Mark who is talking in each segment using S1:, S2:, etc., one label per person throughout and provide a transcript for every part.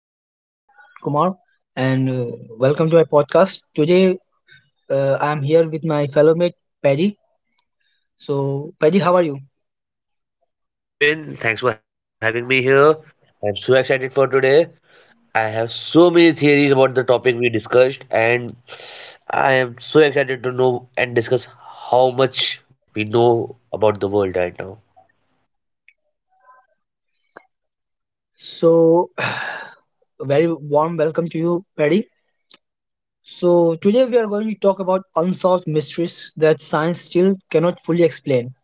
S1: Bipin Kumar, and welcome to my podcast. Today, I am here with my fellow mate, Paddy. So, Paddy, how are you?
S2: Hey Bipin, thanks for having me here. I'm so excited for today. I have so many theories about the topic we discussed, and I am so excited to know and discuss how much we know about the world right now.
S1: So, very warm welcome to you, Paddy. So, today we are going to talk about unsolved mysteries that science still cannot fully explain.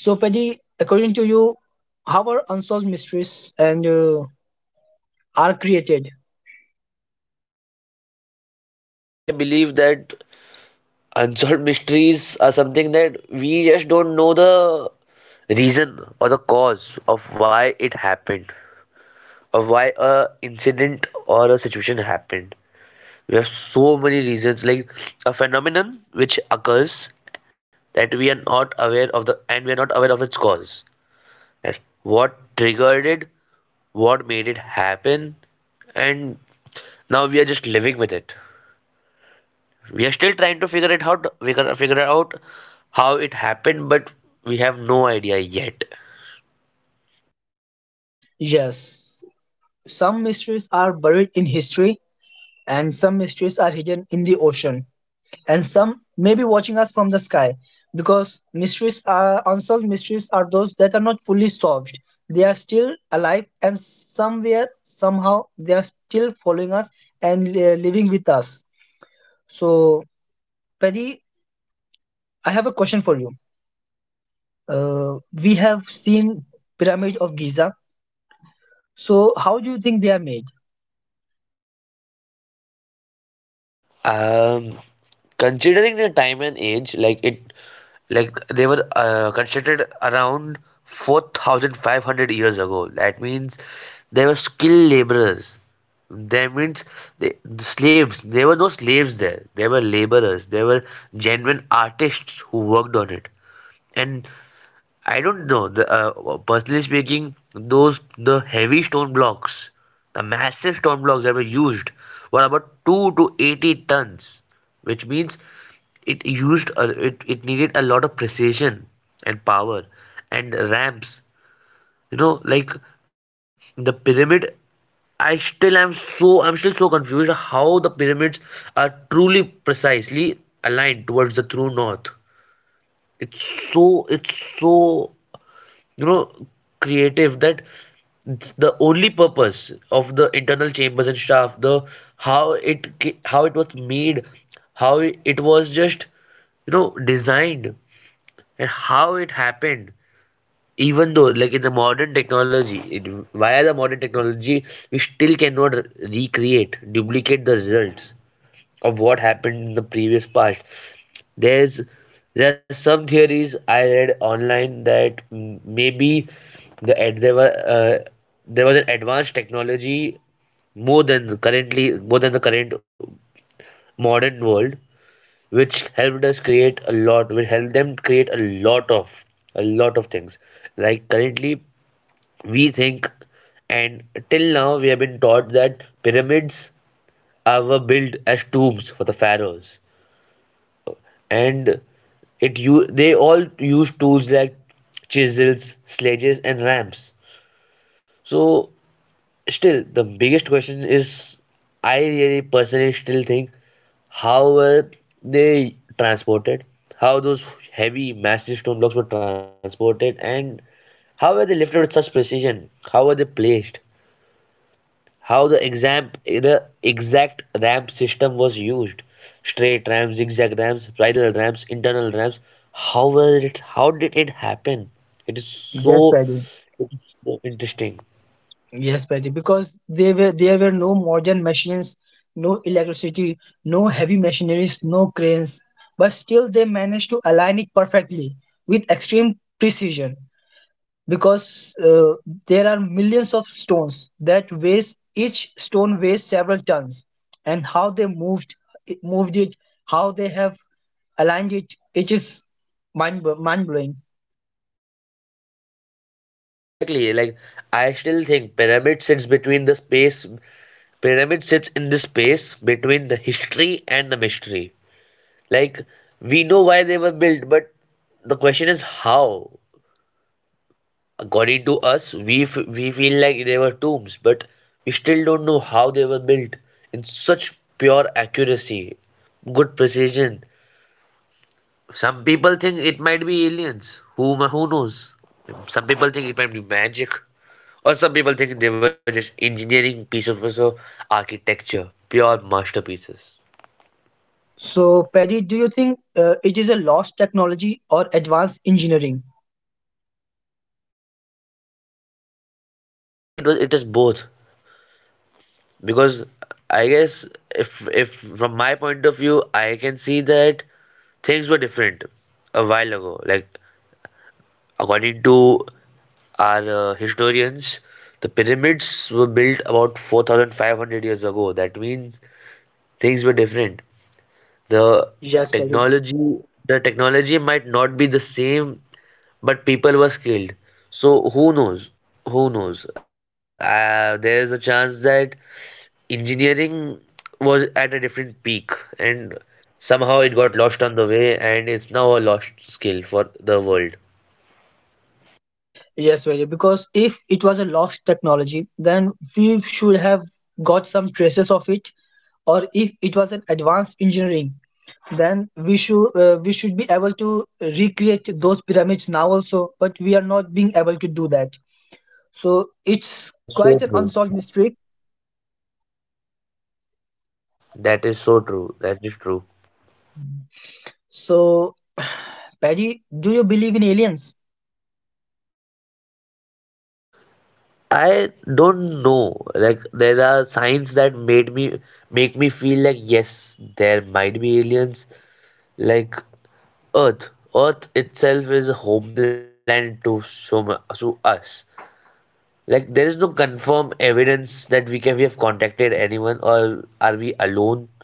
S1: So, Paddy, according to you, how are unsolved mysteries and are created?
S2: I believe that unsolved mysteries are something that we just don't know the reason or the cause of why it happened, of why a incident or a situation happened. We have so many reasons, like a phenomenon which occurs that we are not aware of its cause. That what triggered it, what made it happen, and now we are just living with it. We are still trying to figure it out. We can figure out how it happened, but we have no idea yet.
S1: Yes, some mysteries are buried in history, and some mysteries are hidden in the ocean, and some may be watching us from the sky, because mysteries are unsolved mysteries are those that are not fully solved. They are still alive, and somewhere somehow they are still following us and living with us. So, Paddy, I have a question for you. We have seen Pyramid of Giza. So how do you think they are made?
S2: Um, Considering the time and age, like they were constructed around 4,500 years ago. That means they were skilled laborers. That means the slaves. There were no slaves there. They were laborers. They were genuine artists who worked on it. And I don't know. Personally speaking, those the heavy stone blocks, the massive stone blocks that were used were about 2 to 80 tons, which means it needed a lot of precision and power and ramps. You know, like the pyramid. I'm still so confused how the pyramids are truly precisely aligned towards the true north. It's so you know creative, that the only purpose of the internal chambers and stuff, the how it ca- how it was made, how it was just designed, and how it happened, even though, like, in the modern technology it, via the modern technology we still cannot recreate duplicate the results of what happened in the previous past. There's there are some theories I read online that maybe the ad, there were there was an advanced technology, more than the current modern world, which helped them create lot of a lot of things. Like, currently, we think, and till now we have been taught that pyramids are were built as tombs for the pharaohs, and it you they all use tools like chisels, sledges, and ramps. So still, the biggest question is, I really personally still think how were they transported, how those heavy, massive stone blocks were transported, and how were they lifted with such precision? How were they placed? How the exact ramp system was used: straight ramps, zigzag ramps, bridle ramps, internal ramps. How was it? How did it happen? it is so,
S1: Yes, Paddy.
S2: it is so interesting.
S1: Yes, Patty, because there were no modern machines, no electricity, no heavy machineries, no cranes, but still they managed to align it perfectly with extreme precision, because there are millions of stones that weighs each stone weighs several tons. And how they moved it. How they have aligned it, it is mind blowing.
S2: Exactly, like, I still think pyramid sits in the space between the history and the mystery. Like, we know why they were built, but the question is how. According to us, we feel like they were tombs, but we still don't know how they were built, in such pure accuracy, good precision. Some people think it might be aliens, who who knows. Some people think it might be magic, or some people think they were just engineering piece of so architecture, pure masterpieces.
S1: So Patty, do you think it is a lost technology or advanced engineering?
S2: I think it is both, because I guess, if from my point of view I can see that things were different a while ago, like according to our historians, the pyramids were built about 4,500 years ago. That means things were different. the
S1: Yes, Pradeep.
S2: technology the technology might not be the same, but people were skilled. So who knows, there is a chance that engineering was at a different peak, and somehow it got lost on the way, and it's now a lost skill for the world.
S1: Yes, Pradeep. Because if it was a lost technology, then we should have got some traces of it. Or if it was an advanced engineering, then we should be able to recreate those pyramids now also. But we are not being able to do that. So it's
S2: That is
S1: quite
S2: so
S1: an
S2: true.
S1: unsolved mystery.
S2: That is so true. That is true.
S1: So, Paddy, do you believe in aliens?
S2: I don't know. Like, there are signs that made me make me feel like yes, there might be aliens. Like, earth earth itself is a homeland to us. Like, there is no confirmed evidence that we have contacted anyone, or are we alone.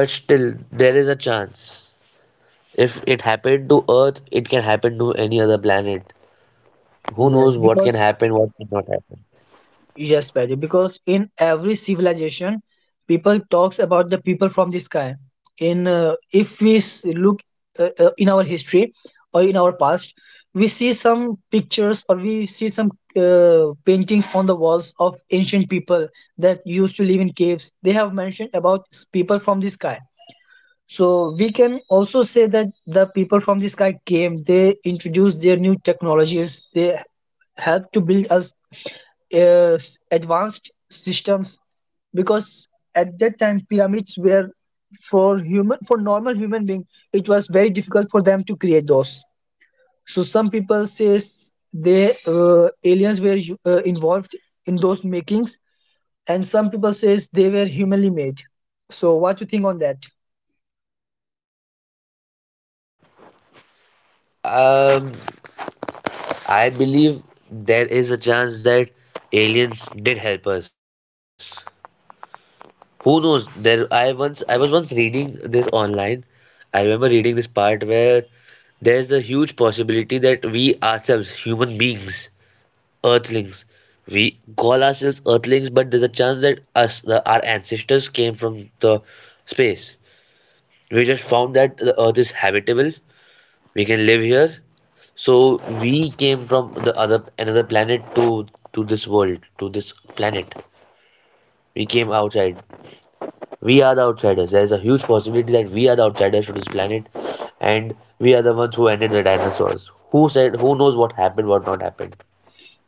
S2: But still, there is a chance. If it happened to Earth, it can happen to any other planet. Who
S1: Yes,
S2: knows what
S1: because
S2: can happen, what cannot happen.
S1: Yes, Paddy, because in every civilization, people talks about the people from the sky. In if we look in our history or in our past, we see some pictures or we see some paintings on the walls of ancient people that used to live in caves. They have mentioned about people from the sky. So we can also say that the people from the sky came. They introduced their new technologies. They helped to build us advanced systems, because at that time pyramids were for human for normal human being. It was very difficult for them to create those. So some people says they aliens were involved in those makings, and some people says they were humanly made. So what you think on that?
S2: Um, I believe there is a chance that aliens did help us. Who knows? There, I once I was once reading this online. I remember reading this part where there's a huge possibility that we ourselves, human beings, Earthlings. We call ourselves Earthlings, but there's a chance that us, our ancestors, came from the space. We just found that the Earth is habitable. We can live here. So we came from the other another planet, to this world, to this planet. We came outside. We are the outsiders. There's a huge possibility that we are the outsiders to this planet, and we are the ones who ended the dinosaurs. Who said? Who knows what happened? What not happened?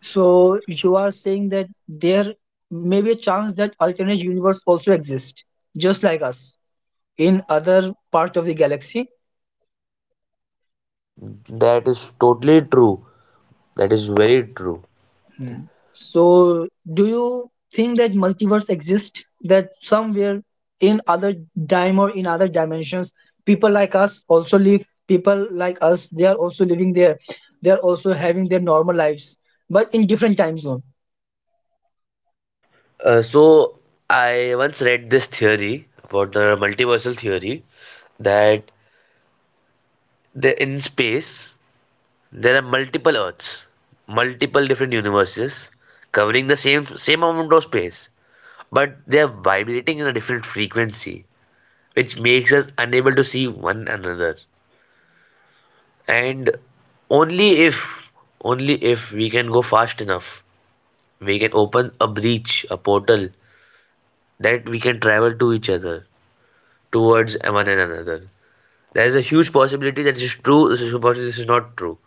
S1: So you are saying that there may be a chance that alternate universe also exist, just like us, in other part of the galaxy.
S2: That is totally true. That is very true.
S1: Hmm. So do you think that multiverse exist? That somewhere in other in other dimensions, people like us also live. People like us, they are also living there. They are also having their normal lives, but in different time zone.
S2: So I once read this theory about the multiversal theory, that in space there are multiple Earths, multiple different universes covering the same amount of space, but they are vibrating in a different frequency, which makes us unable to see one another. And only if only if we can go fast enough, we can open a breach, a portal, that we can travel to each other, towards one another. There is a huge possibility that this is true, this is a possibility this is not true.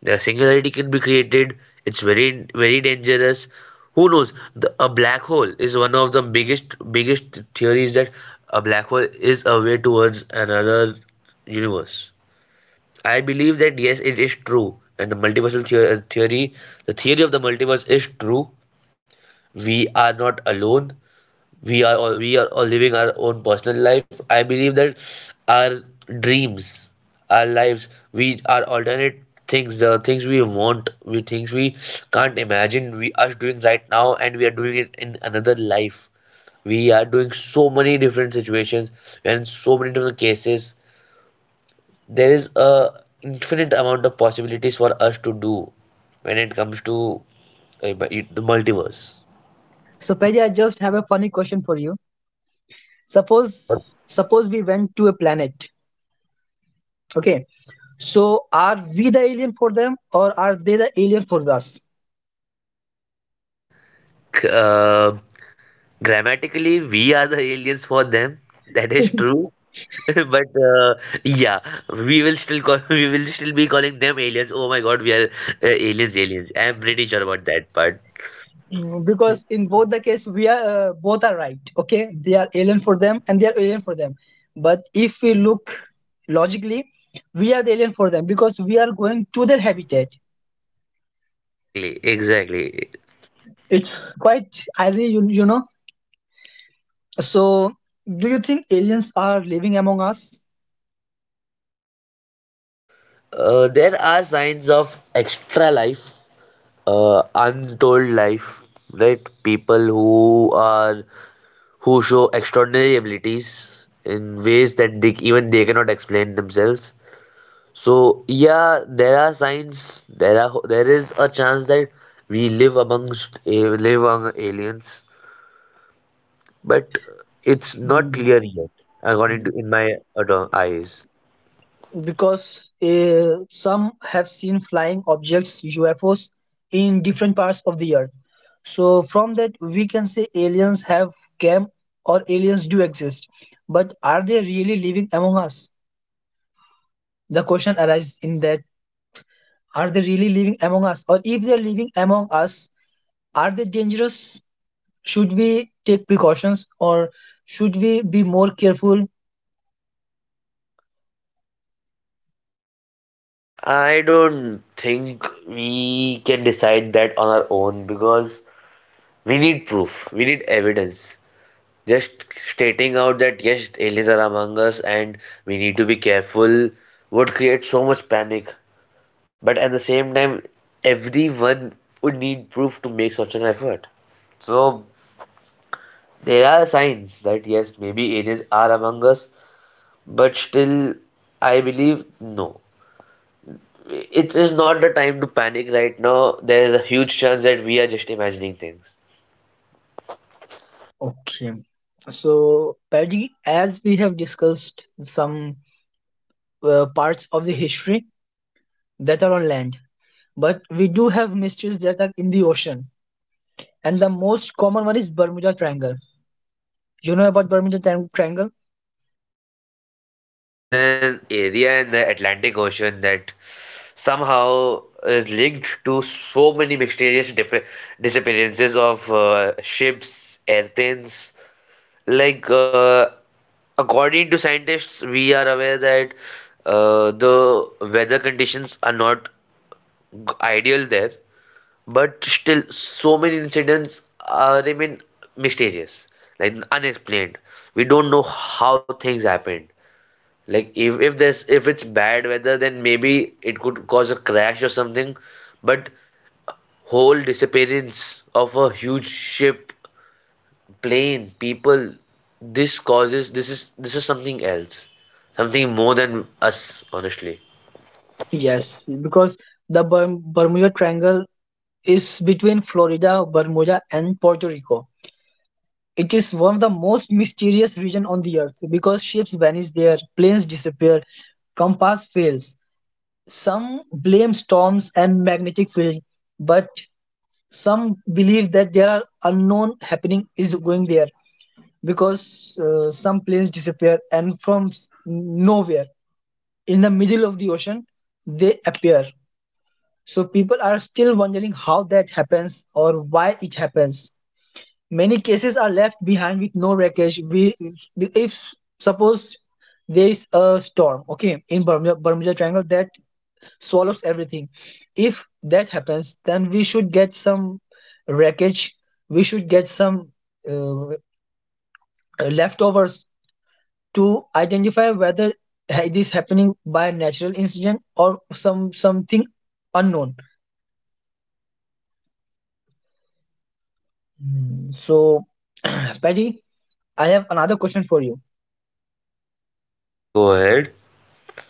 S2: The singularity can be created, it's very, very dangerous. Who knows? A black hole is one of the biggest theories that a black hole is a way towards another universe. I believe that yes, it is true, and the multiversal theory, the theory of the multiverse is true. We are not alone. We are all we are all living our own personal life. I believe that our dreams, our lives, we our alternate things, the things we want, we things we can't imagine, we are doing right now, and we are doing it in another life. We are doing so many different situations, we are in so many different cases. There is a infinite amount of possibilities for us to do when it comes to the multiverse.
S1: So Peggy, I just have a funny question for you.
S2: Your
S1: Suppose we went to a planet. Okay, so are we the alien for them or are they the alien for us?
S2: uh, Grammatically, we are the aliens for them. That is true. But, yeah, we will still call we will still be calling them aliens. Oh my God, we are aliens, aliens. I am pretty sure about that part.
S1: Mm, because in both the case, we are both are right. Okay, they are alien for them and they are alien for them. But if we look logically, we are the alien for them because we are going to their habitat.
S2: Exactly, exactly.
S1: It's quite irony, you know. So, do you think aliens are living among us?
S2: There are signs of extra life, untold life, right? People who show extraordinary abilities in ways that they, even they, cannot explain themselves. So yeah, there are signs. There is a chance that we live among aliens, but it's not
S1: Mm.
S2: clear yet, according to in my ado- eyes.
S1: Because some have seen flying objects UFOs in different parts of the earth. So from that we can say aliens have came or aliens do exist. But are they really living among us? The question arises in that are they really living among us, or if they're living among us are they dangerous? Should we take precautions or should we be more careful?
S2: I don't think we can decide that on our own, because we need proof. We need evidence. Just stating out that yes, aliens are among us and we need to be careful, would create so much panic. But at the same time, everyone would need proof to make such an effort. So there are signs that yes, maybe aliens are among us, but still, I believe no. It is not the time to panic right now. There is a huge chance that we are just imagining things.
S1: Okay. So, Paddy, as we have discussed some parts of the history that are on land, but we do have mysteries that are in the ocean. And the most common one is Bermuda Triangle. You know about Bermuda Triangle?
S2: Yeah, it's an area in the Atlantic Ocean that somehow is linked to so many mysterious disappearances of ships, airplanes, like, according to scientists we are aware that, the weather conditions are not ideal there, but still so many incidents remain mysterious, like, unexplained. We don't know how things happened, like, if it's bad weather, then maybe it could cause a crash or something. But whole disappearance of a huge ship, plain people, this is something else, something more than us, honestly.
S1: Yes, because the Bermuda Triangle is between Florida, Bermuda, and Puerto Rico. It is one of the most mysterious region on the earth, because ships vanish there, planes disappear, compass fails. Some blame storms and magnetic field, but some believe that there are unknown happening is going there, because some planes disappear and from nowhere in the middle of the ocean they appear. So people are still wondering how that happens or why it happens. Many cases are left behind with no wreckage. We, if suppose there is a storm, okay, in Bermuda Triangle that swallows everything. If that happens, then we should get some wreckage, we should get some uh, leftovers to identify whether it is happening by natural incident or some something unknown. Mm. So, Patty, I have another question for you.
S2: Okay, go ahead.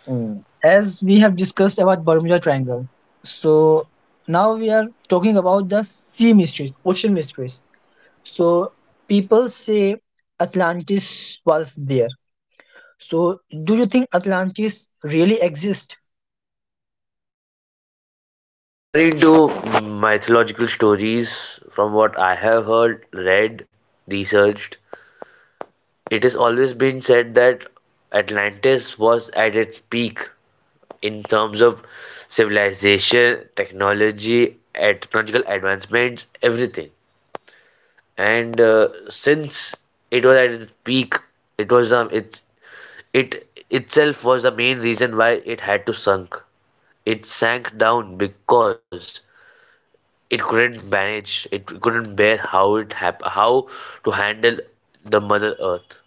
S1: Mm. As we have discussed about Bermuda Triangle, so now we are talking about the sea mysteries, ocean mysteries. So people say Atlantis was there. So do you think Atlantis really exist?
S2: According to mythological stories, from what I have heard, read, researched, it has always been said that Atlantis was at its peak in terms of civilization, technology, and technological advancements, everything. And since it was at its peak, it was um, it's It itself was the main reason why it had to sunk. It sank down because it couldn't manage, it couldn't bear how to handle the Mother Earth.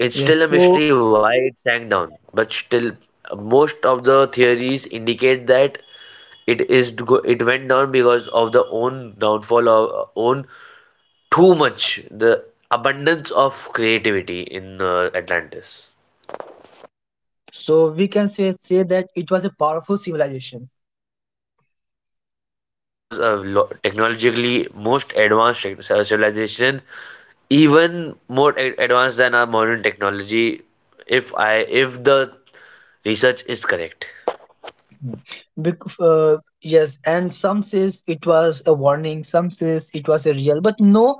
S2: It's
S1: Yes.
S2: still a
S1: So
S2: mystery why it sank down, but still most of the theories indicate that it went down because of the own downfall, of own too much the abundance of creativity in Atlantis.
S1: so we can say that it was a powerful civilization.
S2: It was a technologically most advanced civilization, even more advanced than our modern technology. If I if the research is correct,
S1: Mhm. Bec- uh, yes, and some says it was a warning, some says it was a real, but no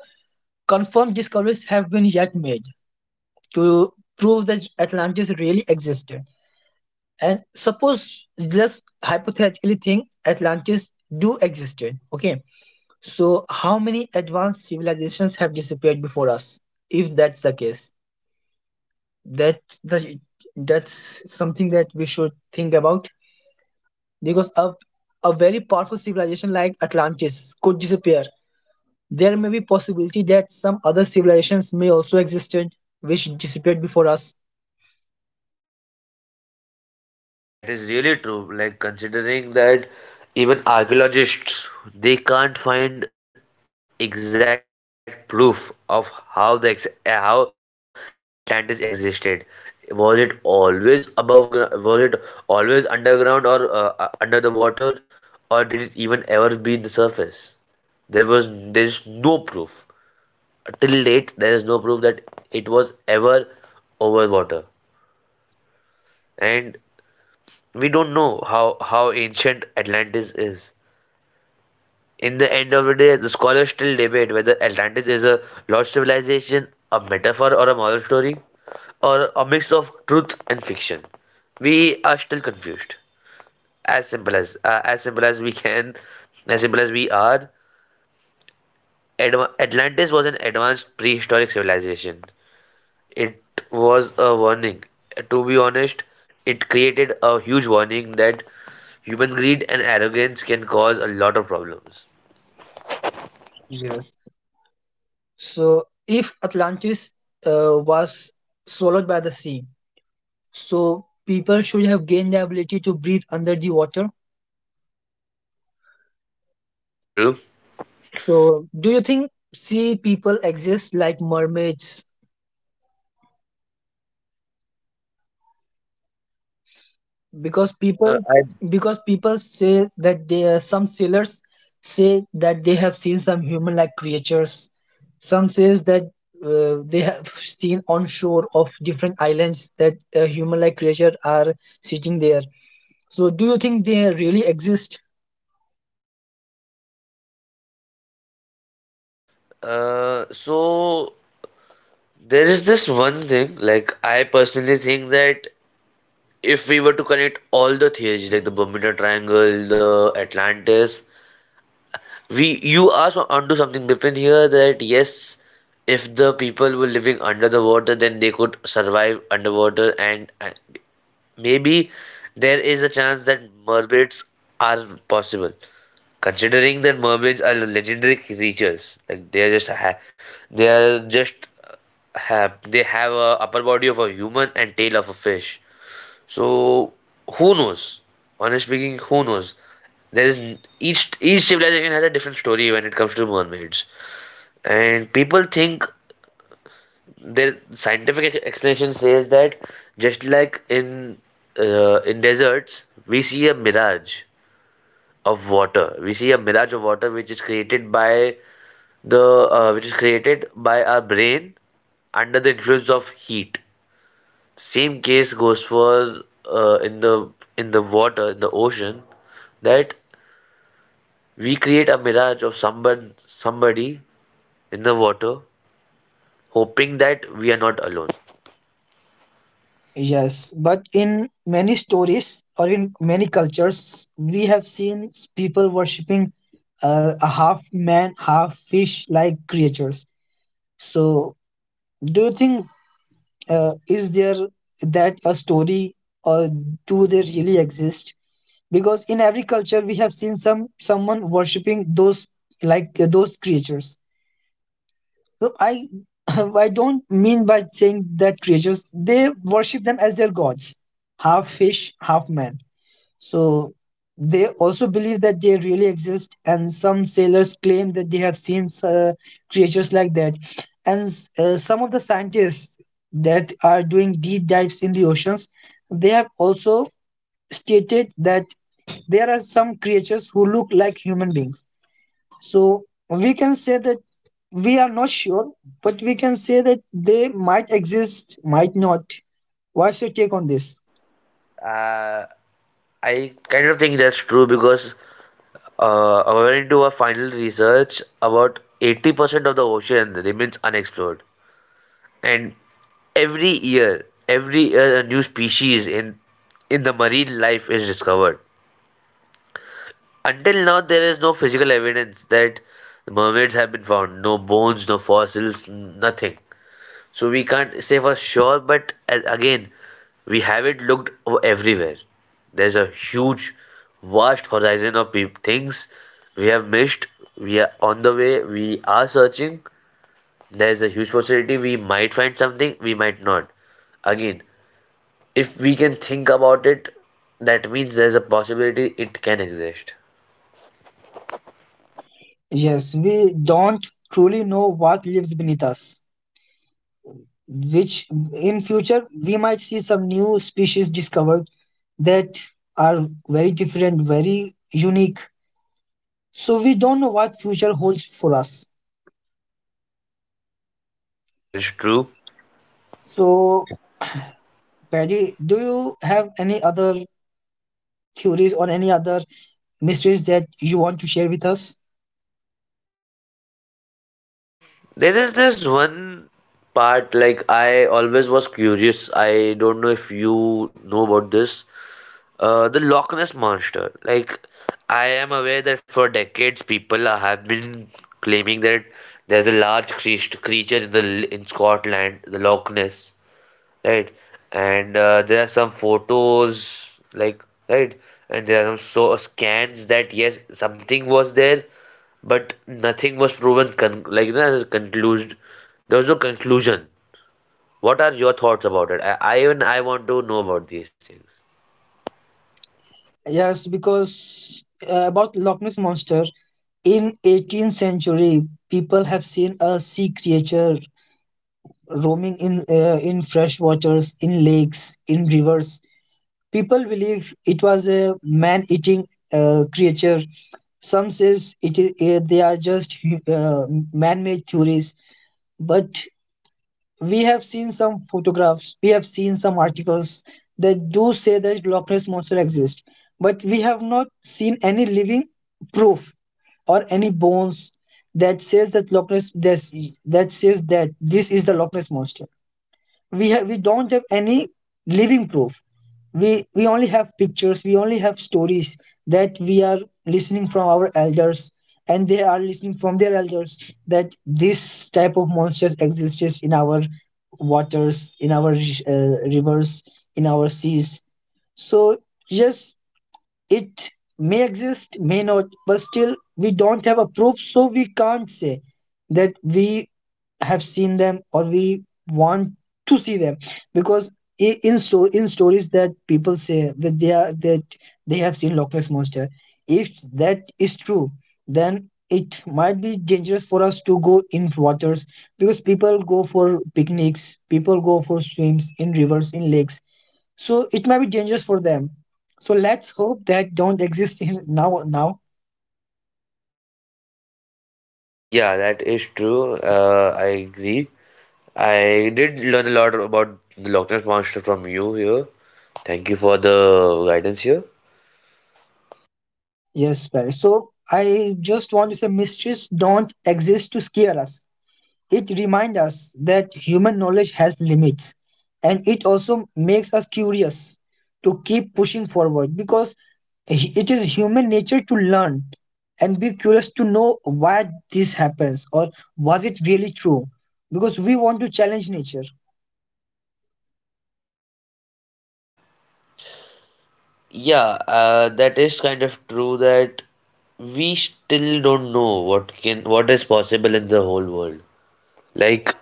S1: confirmed discoveries have been yet made to prove that Atlantis really existed. And suppose just hypothetically think Atlantis do existed. Okay. So how many advanced civilizations have disappeared before us? If that's the case, that that's something that we should think about, because a very powerful civilization like Atlantis could disappear. There may be possibility that some other civilizations may also existed which disappeared before us.
S2: that is really true. Like considering that even archaeologists they can't find exact proof of how the how Atlantis existed. Was it always above ground? Was it always underground or under the water? Or did it even ever be in the surface? there was there is no proof, till date there is no proof that it was ever over water. And we don't know how ancient atlantis is. In the end of the day, the scholars still debate whether atlantis is a lost civilization, a metaphor or a moral story, or a mix of truth and fiction. We are still confused. As simple as simple as we can, as simple as we are. Atlantis was an advanced prehistoric civilization. It was a warning. To be honest, it created a huge warning that human greed and arrogance can cause a lot of problems.
S1: Yes. So, if Atlantis was swallowed by the sea, so people should have gained the ability to breathe under the water.
S2: That is true.
S1: So, do you think sea people exist like mermaids? Because people,
S2: I
S1: because people say that they are, some sailors say that they have seen some human-like creatures. Some says that they have seen on shore of different islands that a human-like creature are sitting there. So, do you think they really exist?
S2: So there is this one thing, like I personally think that if we were to connect all the theories like the Bermuda Triangle, the Atlantis, we, you are onto something Bipin here, that yes, if the people were living under the water, then they could survive underwater, and maybe there is a chance that mermaids are possible. Considering that mermaids are legendary creatures, like they are just they are just uh, have they have a upper body of a human and tail of a fish. So who knows? Honestly speaking, who knows? There is each civilization has a different story when it comes to mermaids, and people think their scientific explanation says that just like in deserts we see a mirage of water, which is created by the which is created by our brain under the influence of heat. Same case goes for uh, in the in the water in the ocean, that we create a mirage of someone, somebody in the water, hoping that we are not alone.
S1: Yes, but in many stories or in many cultures, we have seen people worshipping a half man, half fish like creatures. So, do you think is there that a story, or do they really exist? Because in every culture, we have seen someone worshipping those, like those creatures. So I I don't mean by saying that creatures they worship them as their gods, half fish, half man. So they also believe that they really exist, and some sailors claim that they have seen creatures like that. And some of the scientists that are doing deep dives in the oceans, they have also stated that there are some creatures who look like human beings. So we can say that we are not sure, but we can say that they might exist, might not. What's your take on this?
S2: uh, I kind of think that's true because according to a final research, about 80% of the ocean remains unexplored. And every year a new species in the marine life is discovered. Until now, there is no physical evidence that mermaids have been found. No bones, no fossils, nothing. So we can't say for sure, but again, we haven't looked everywhere. There's a huge, vast horizon of peop things we have missed. We are on the way, we are searching. There's a huge possibility we might find something, we might not. Again, if we can think about it, that means there's a possibility it can exist.
S1: Yes, we don't truly know what lives beneath us, which in future we might see some new species discovered that are very different, very unique. So we don't know what future holds for us.
S2: That is true.
S1: So, Paddy, do you have any other theories or any other mysteries that you want to share with us?
S2: There is this one part, like I always was curious. I don't know if you know about this. The Loch Ness Monster. Like, I am aware that for decades people have been claiming that there's a large creature in the in Scotland, the Loch Ness, right? And there are some photos, like, right? And there are some so scans that yes, something was there, but nothing was proven. Like, that is concluded. There was no conclusion. What are your thoughts about it? I even I want to know about these things.
S1: Yes, because about Loch Ness monster, in 18th century, people have seen a sea creature roaming in fresh waters, in lakes, in rivers. People believe it was a man-eating creature. Some says it is, they are just man-made theories, but we have seen some photographs, we have seen some articles that do say that Loch Ness monster exists, but we have not seen any living proof or any bones that says that that says that this is the Loch Ness monster. We don't have any living proof. We only have pictures, we only have stories that we are listening from our elders, and they are listening from their elders, that this type of monsters exists in our waters, in our rivers, in our seas. So yes, it may exist, may not, but still we don't have a proof, so we can't say that we have seen them or we want to see them. Because in stories that people say that they are that they have seen Loch Ness monster, if that is true, then it might be dangerous for us to go in waters, because people go for picnics, people go for swims in rivers, in lakes. So it might be dangerous for them. So let's hope that don't exist in now.
S2: Yeah, that is true. I agree. I did learn a lot about the Loch Ness Monster from you here. Thank you for the guidance here.
S1: Yes, Paris. So I just want to say mysteries don't exist to scare us. It reminds us that human knowledge has limits, and it also makes us curious to keep pushing forward, because it is human nature to learn and be curious to know why this happens, or was it really true, because we want to challenge nature.
S2: Yeah, that is kind of true that we still don't know what is possible in the whole world. Like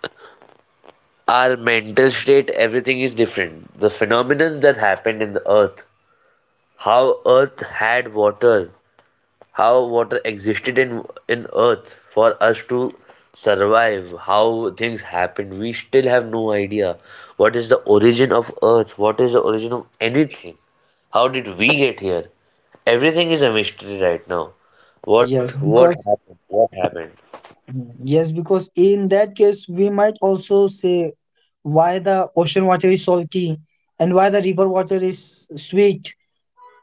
S2: our mental state, everything is different. The phenomenons that happened in the earth, how earth had water, how water existed in earth for us to survive. How things happened, we still have no idea. What is the origin of earth, what is the origin of anything? How did we get here? Everything is a mystery right now. what
S1: Yes
S2: what
S1: because
S2: happened what happened
S1: Mm, yes, because in that case, we might also say why the ocean water is salty and why the river water is sweet.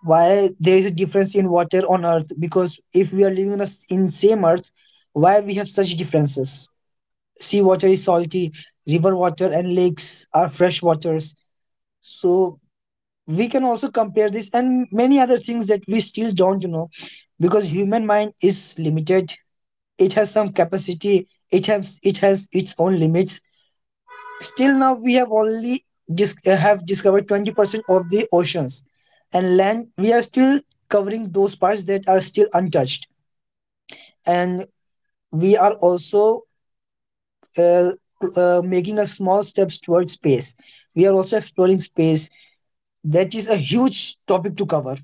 S1: Why there is a difference in water on Earth? Because if we are living in, in same Earth, why we have such differences? Sea water is salty, river water and lakes are fresh waters. So we can also compare this and many other things that we still don't know, because human mind is limited. It has some capacity. It has its own limits. Still now we have only have discovered 20% of the oceans, and land we are still covering those parts that are still untouched. And we are also uh, making a small steps towards space. We are also exploring space. That is a huge topic to cover.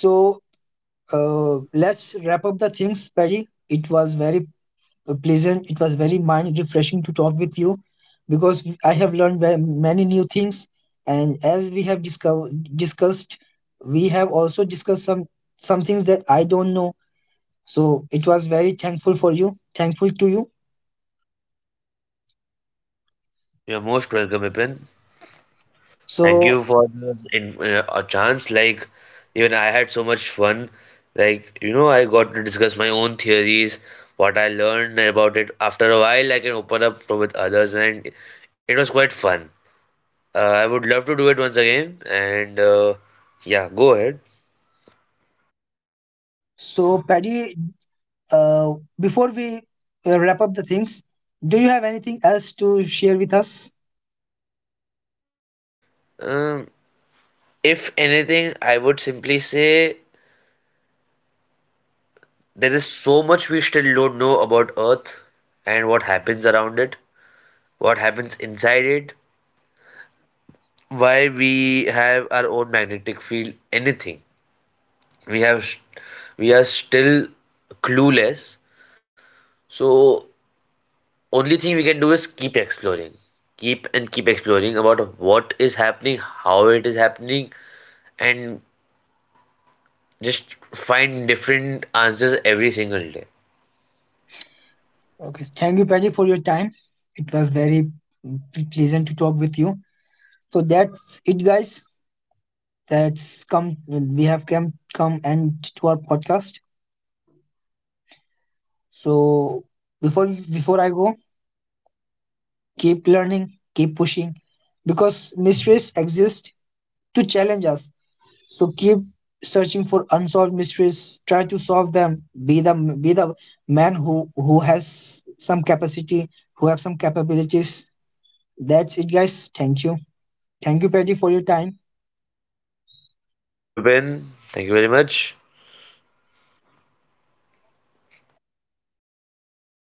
S1: So let's wrap up the things, Paddy. It was very pleasant. It was very mind refreshing to talk with you, because I have learned very, many new things. And as we have discussed, we have also discussed some things that I don't know. So it was very thankful for you, thankful to you.
S2: You're most welcome Ipin. Thank
S1: So
S2: you for the a chance. Like, even I had so much fun. Like, you know, I got to discuss my own theories, what I learned about it. After a while, I can open up to with others, and it was quite fun. I would love to do it once again. And yeah, go ahead.
S1: so Paddy, uh, before we wrap up the things, do you have anything else to share with us?
S2: Um, if anything, I would simply say there is so much we still don't know about Earth and what happens around it, what happens inside it, why we have our own magnetic field, anything. We have, we are still clueless. So only thing we can do is keep exploring, keep and keep exploring about what is happening, how it is happening, and just find different answers every single day.
S1: Okay, thank you, Paddy, for your time. It was very pleasant to talk with you. So that's it, guys. That's come We have come end to our podcast. So before before I go, keep learning, keep pushing, because mysteries exist to challenge us. So keep searching for unsolved mysteries, try to solve them. Be the be the man who has some capacity, who have some capabilities. That's it guys, thank you. Thank you Patty for your time.
S2: Thank you Bipin, thank you very much.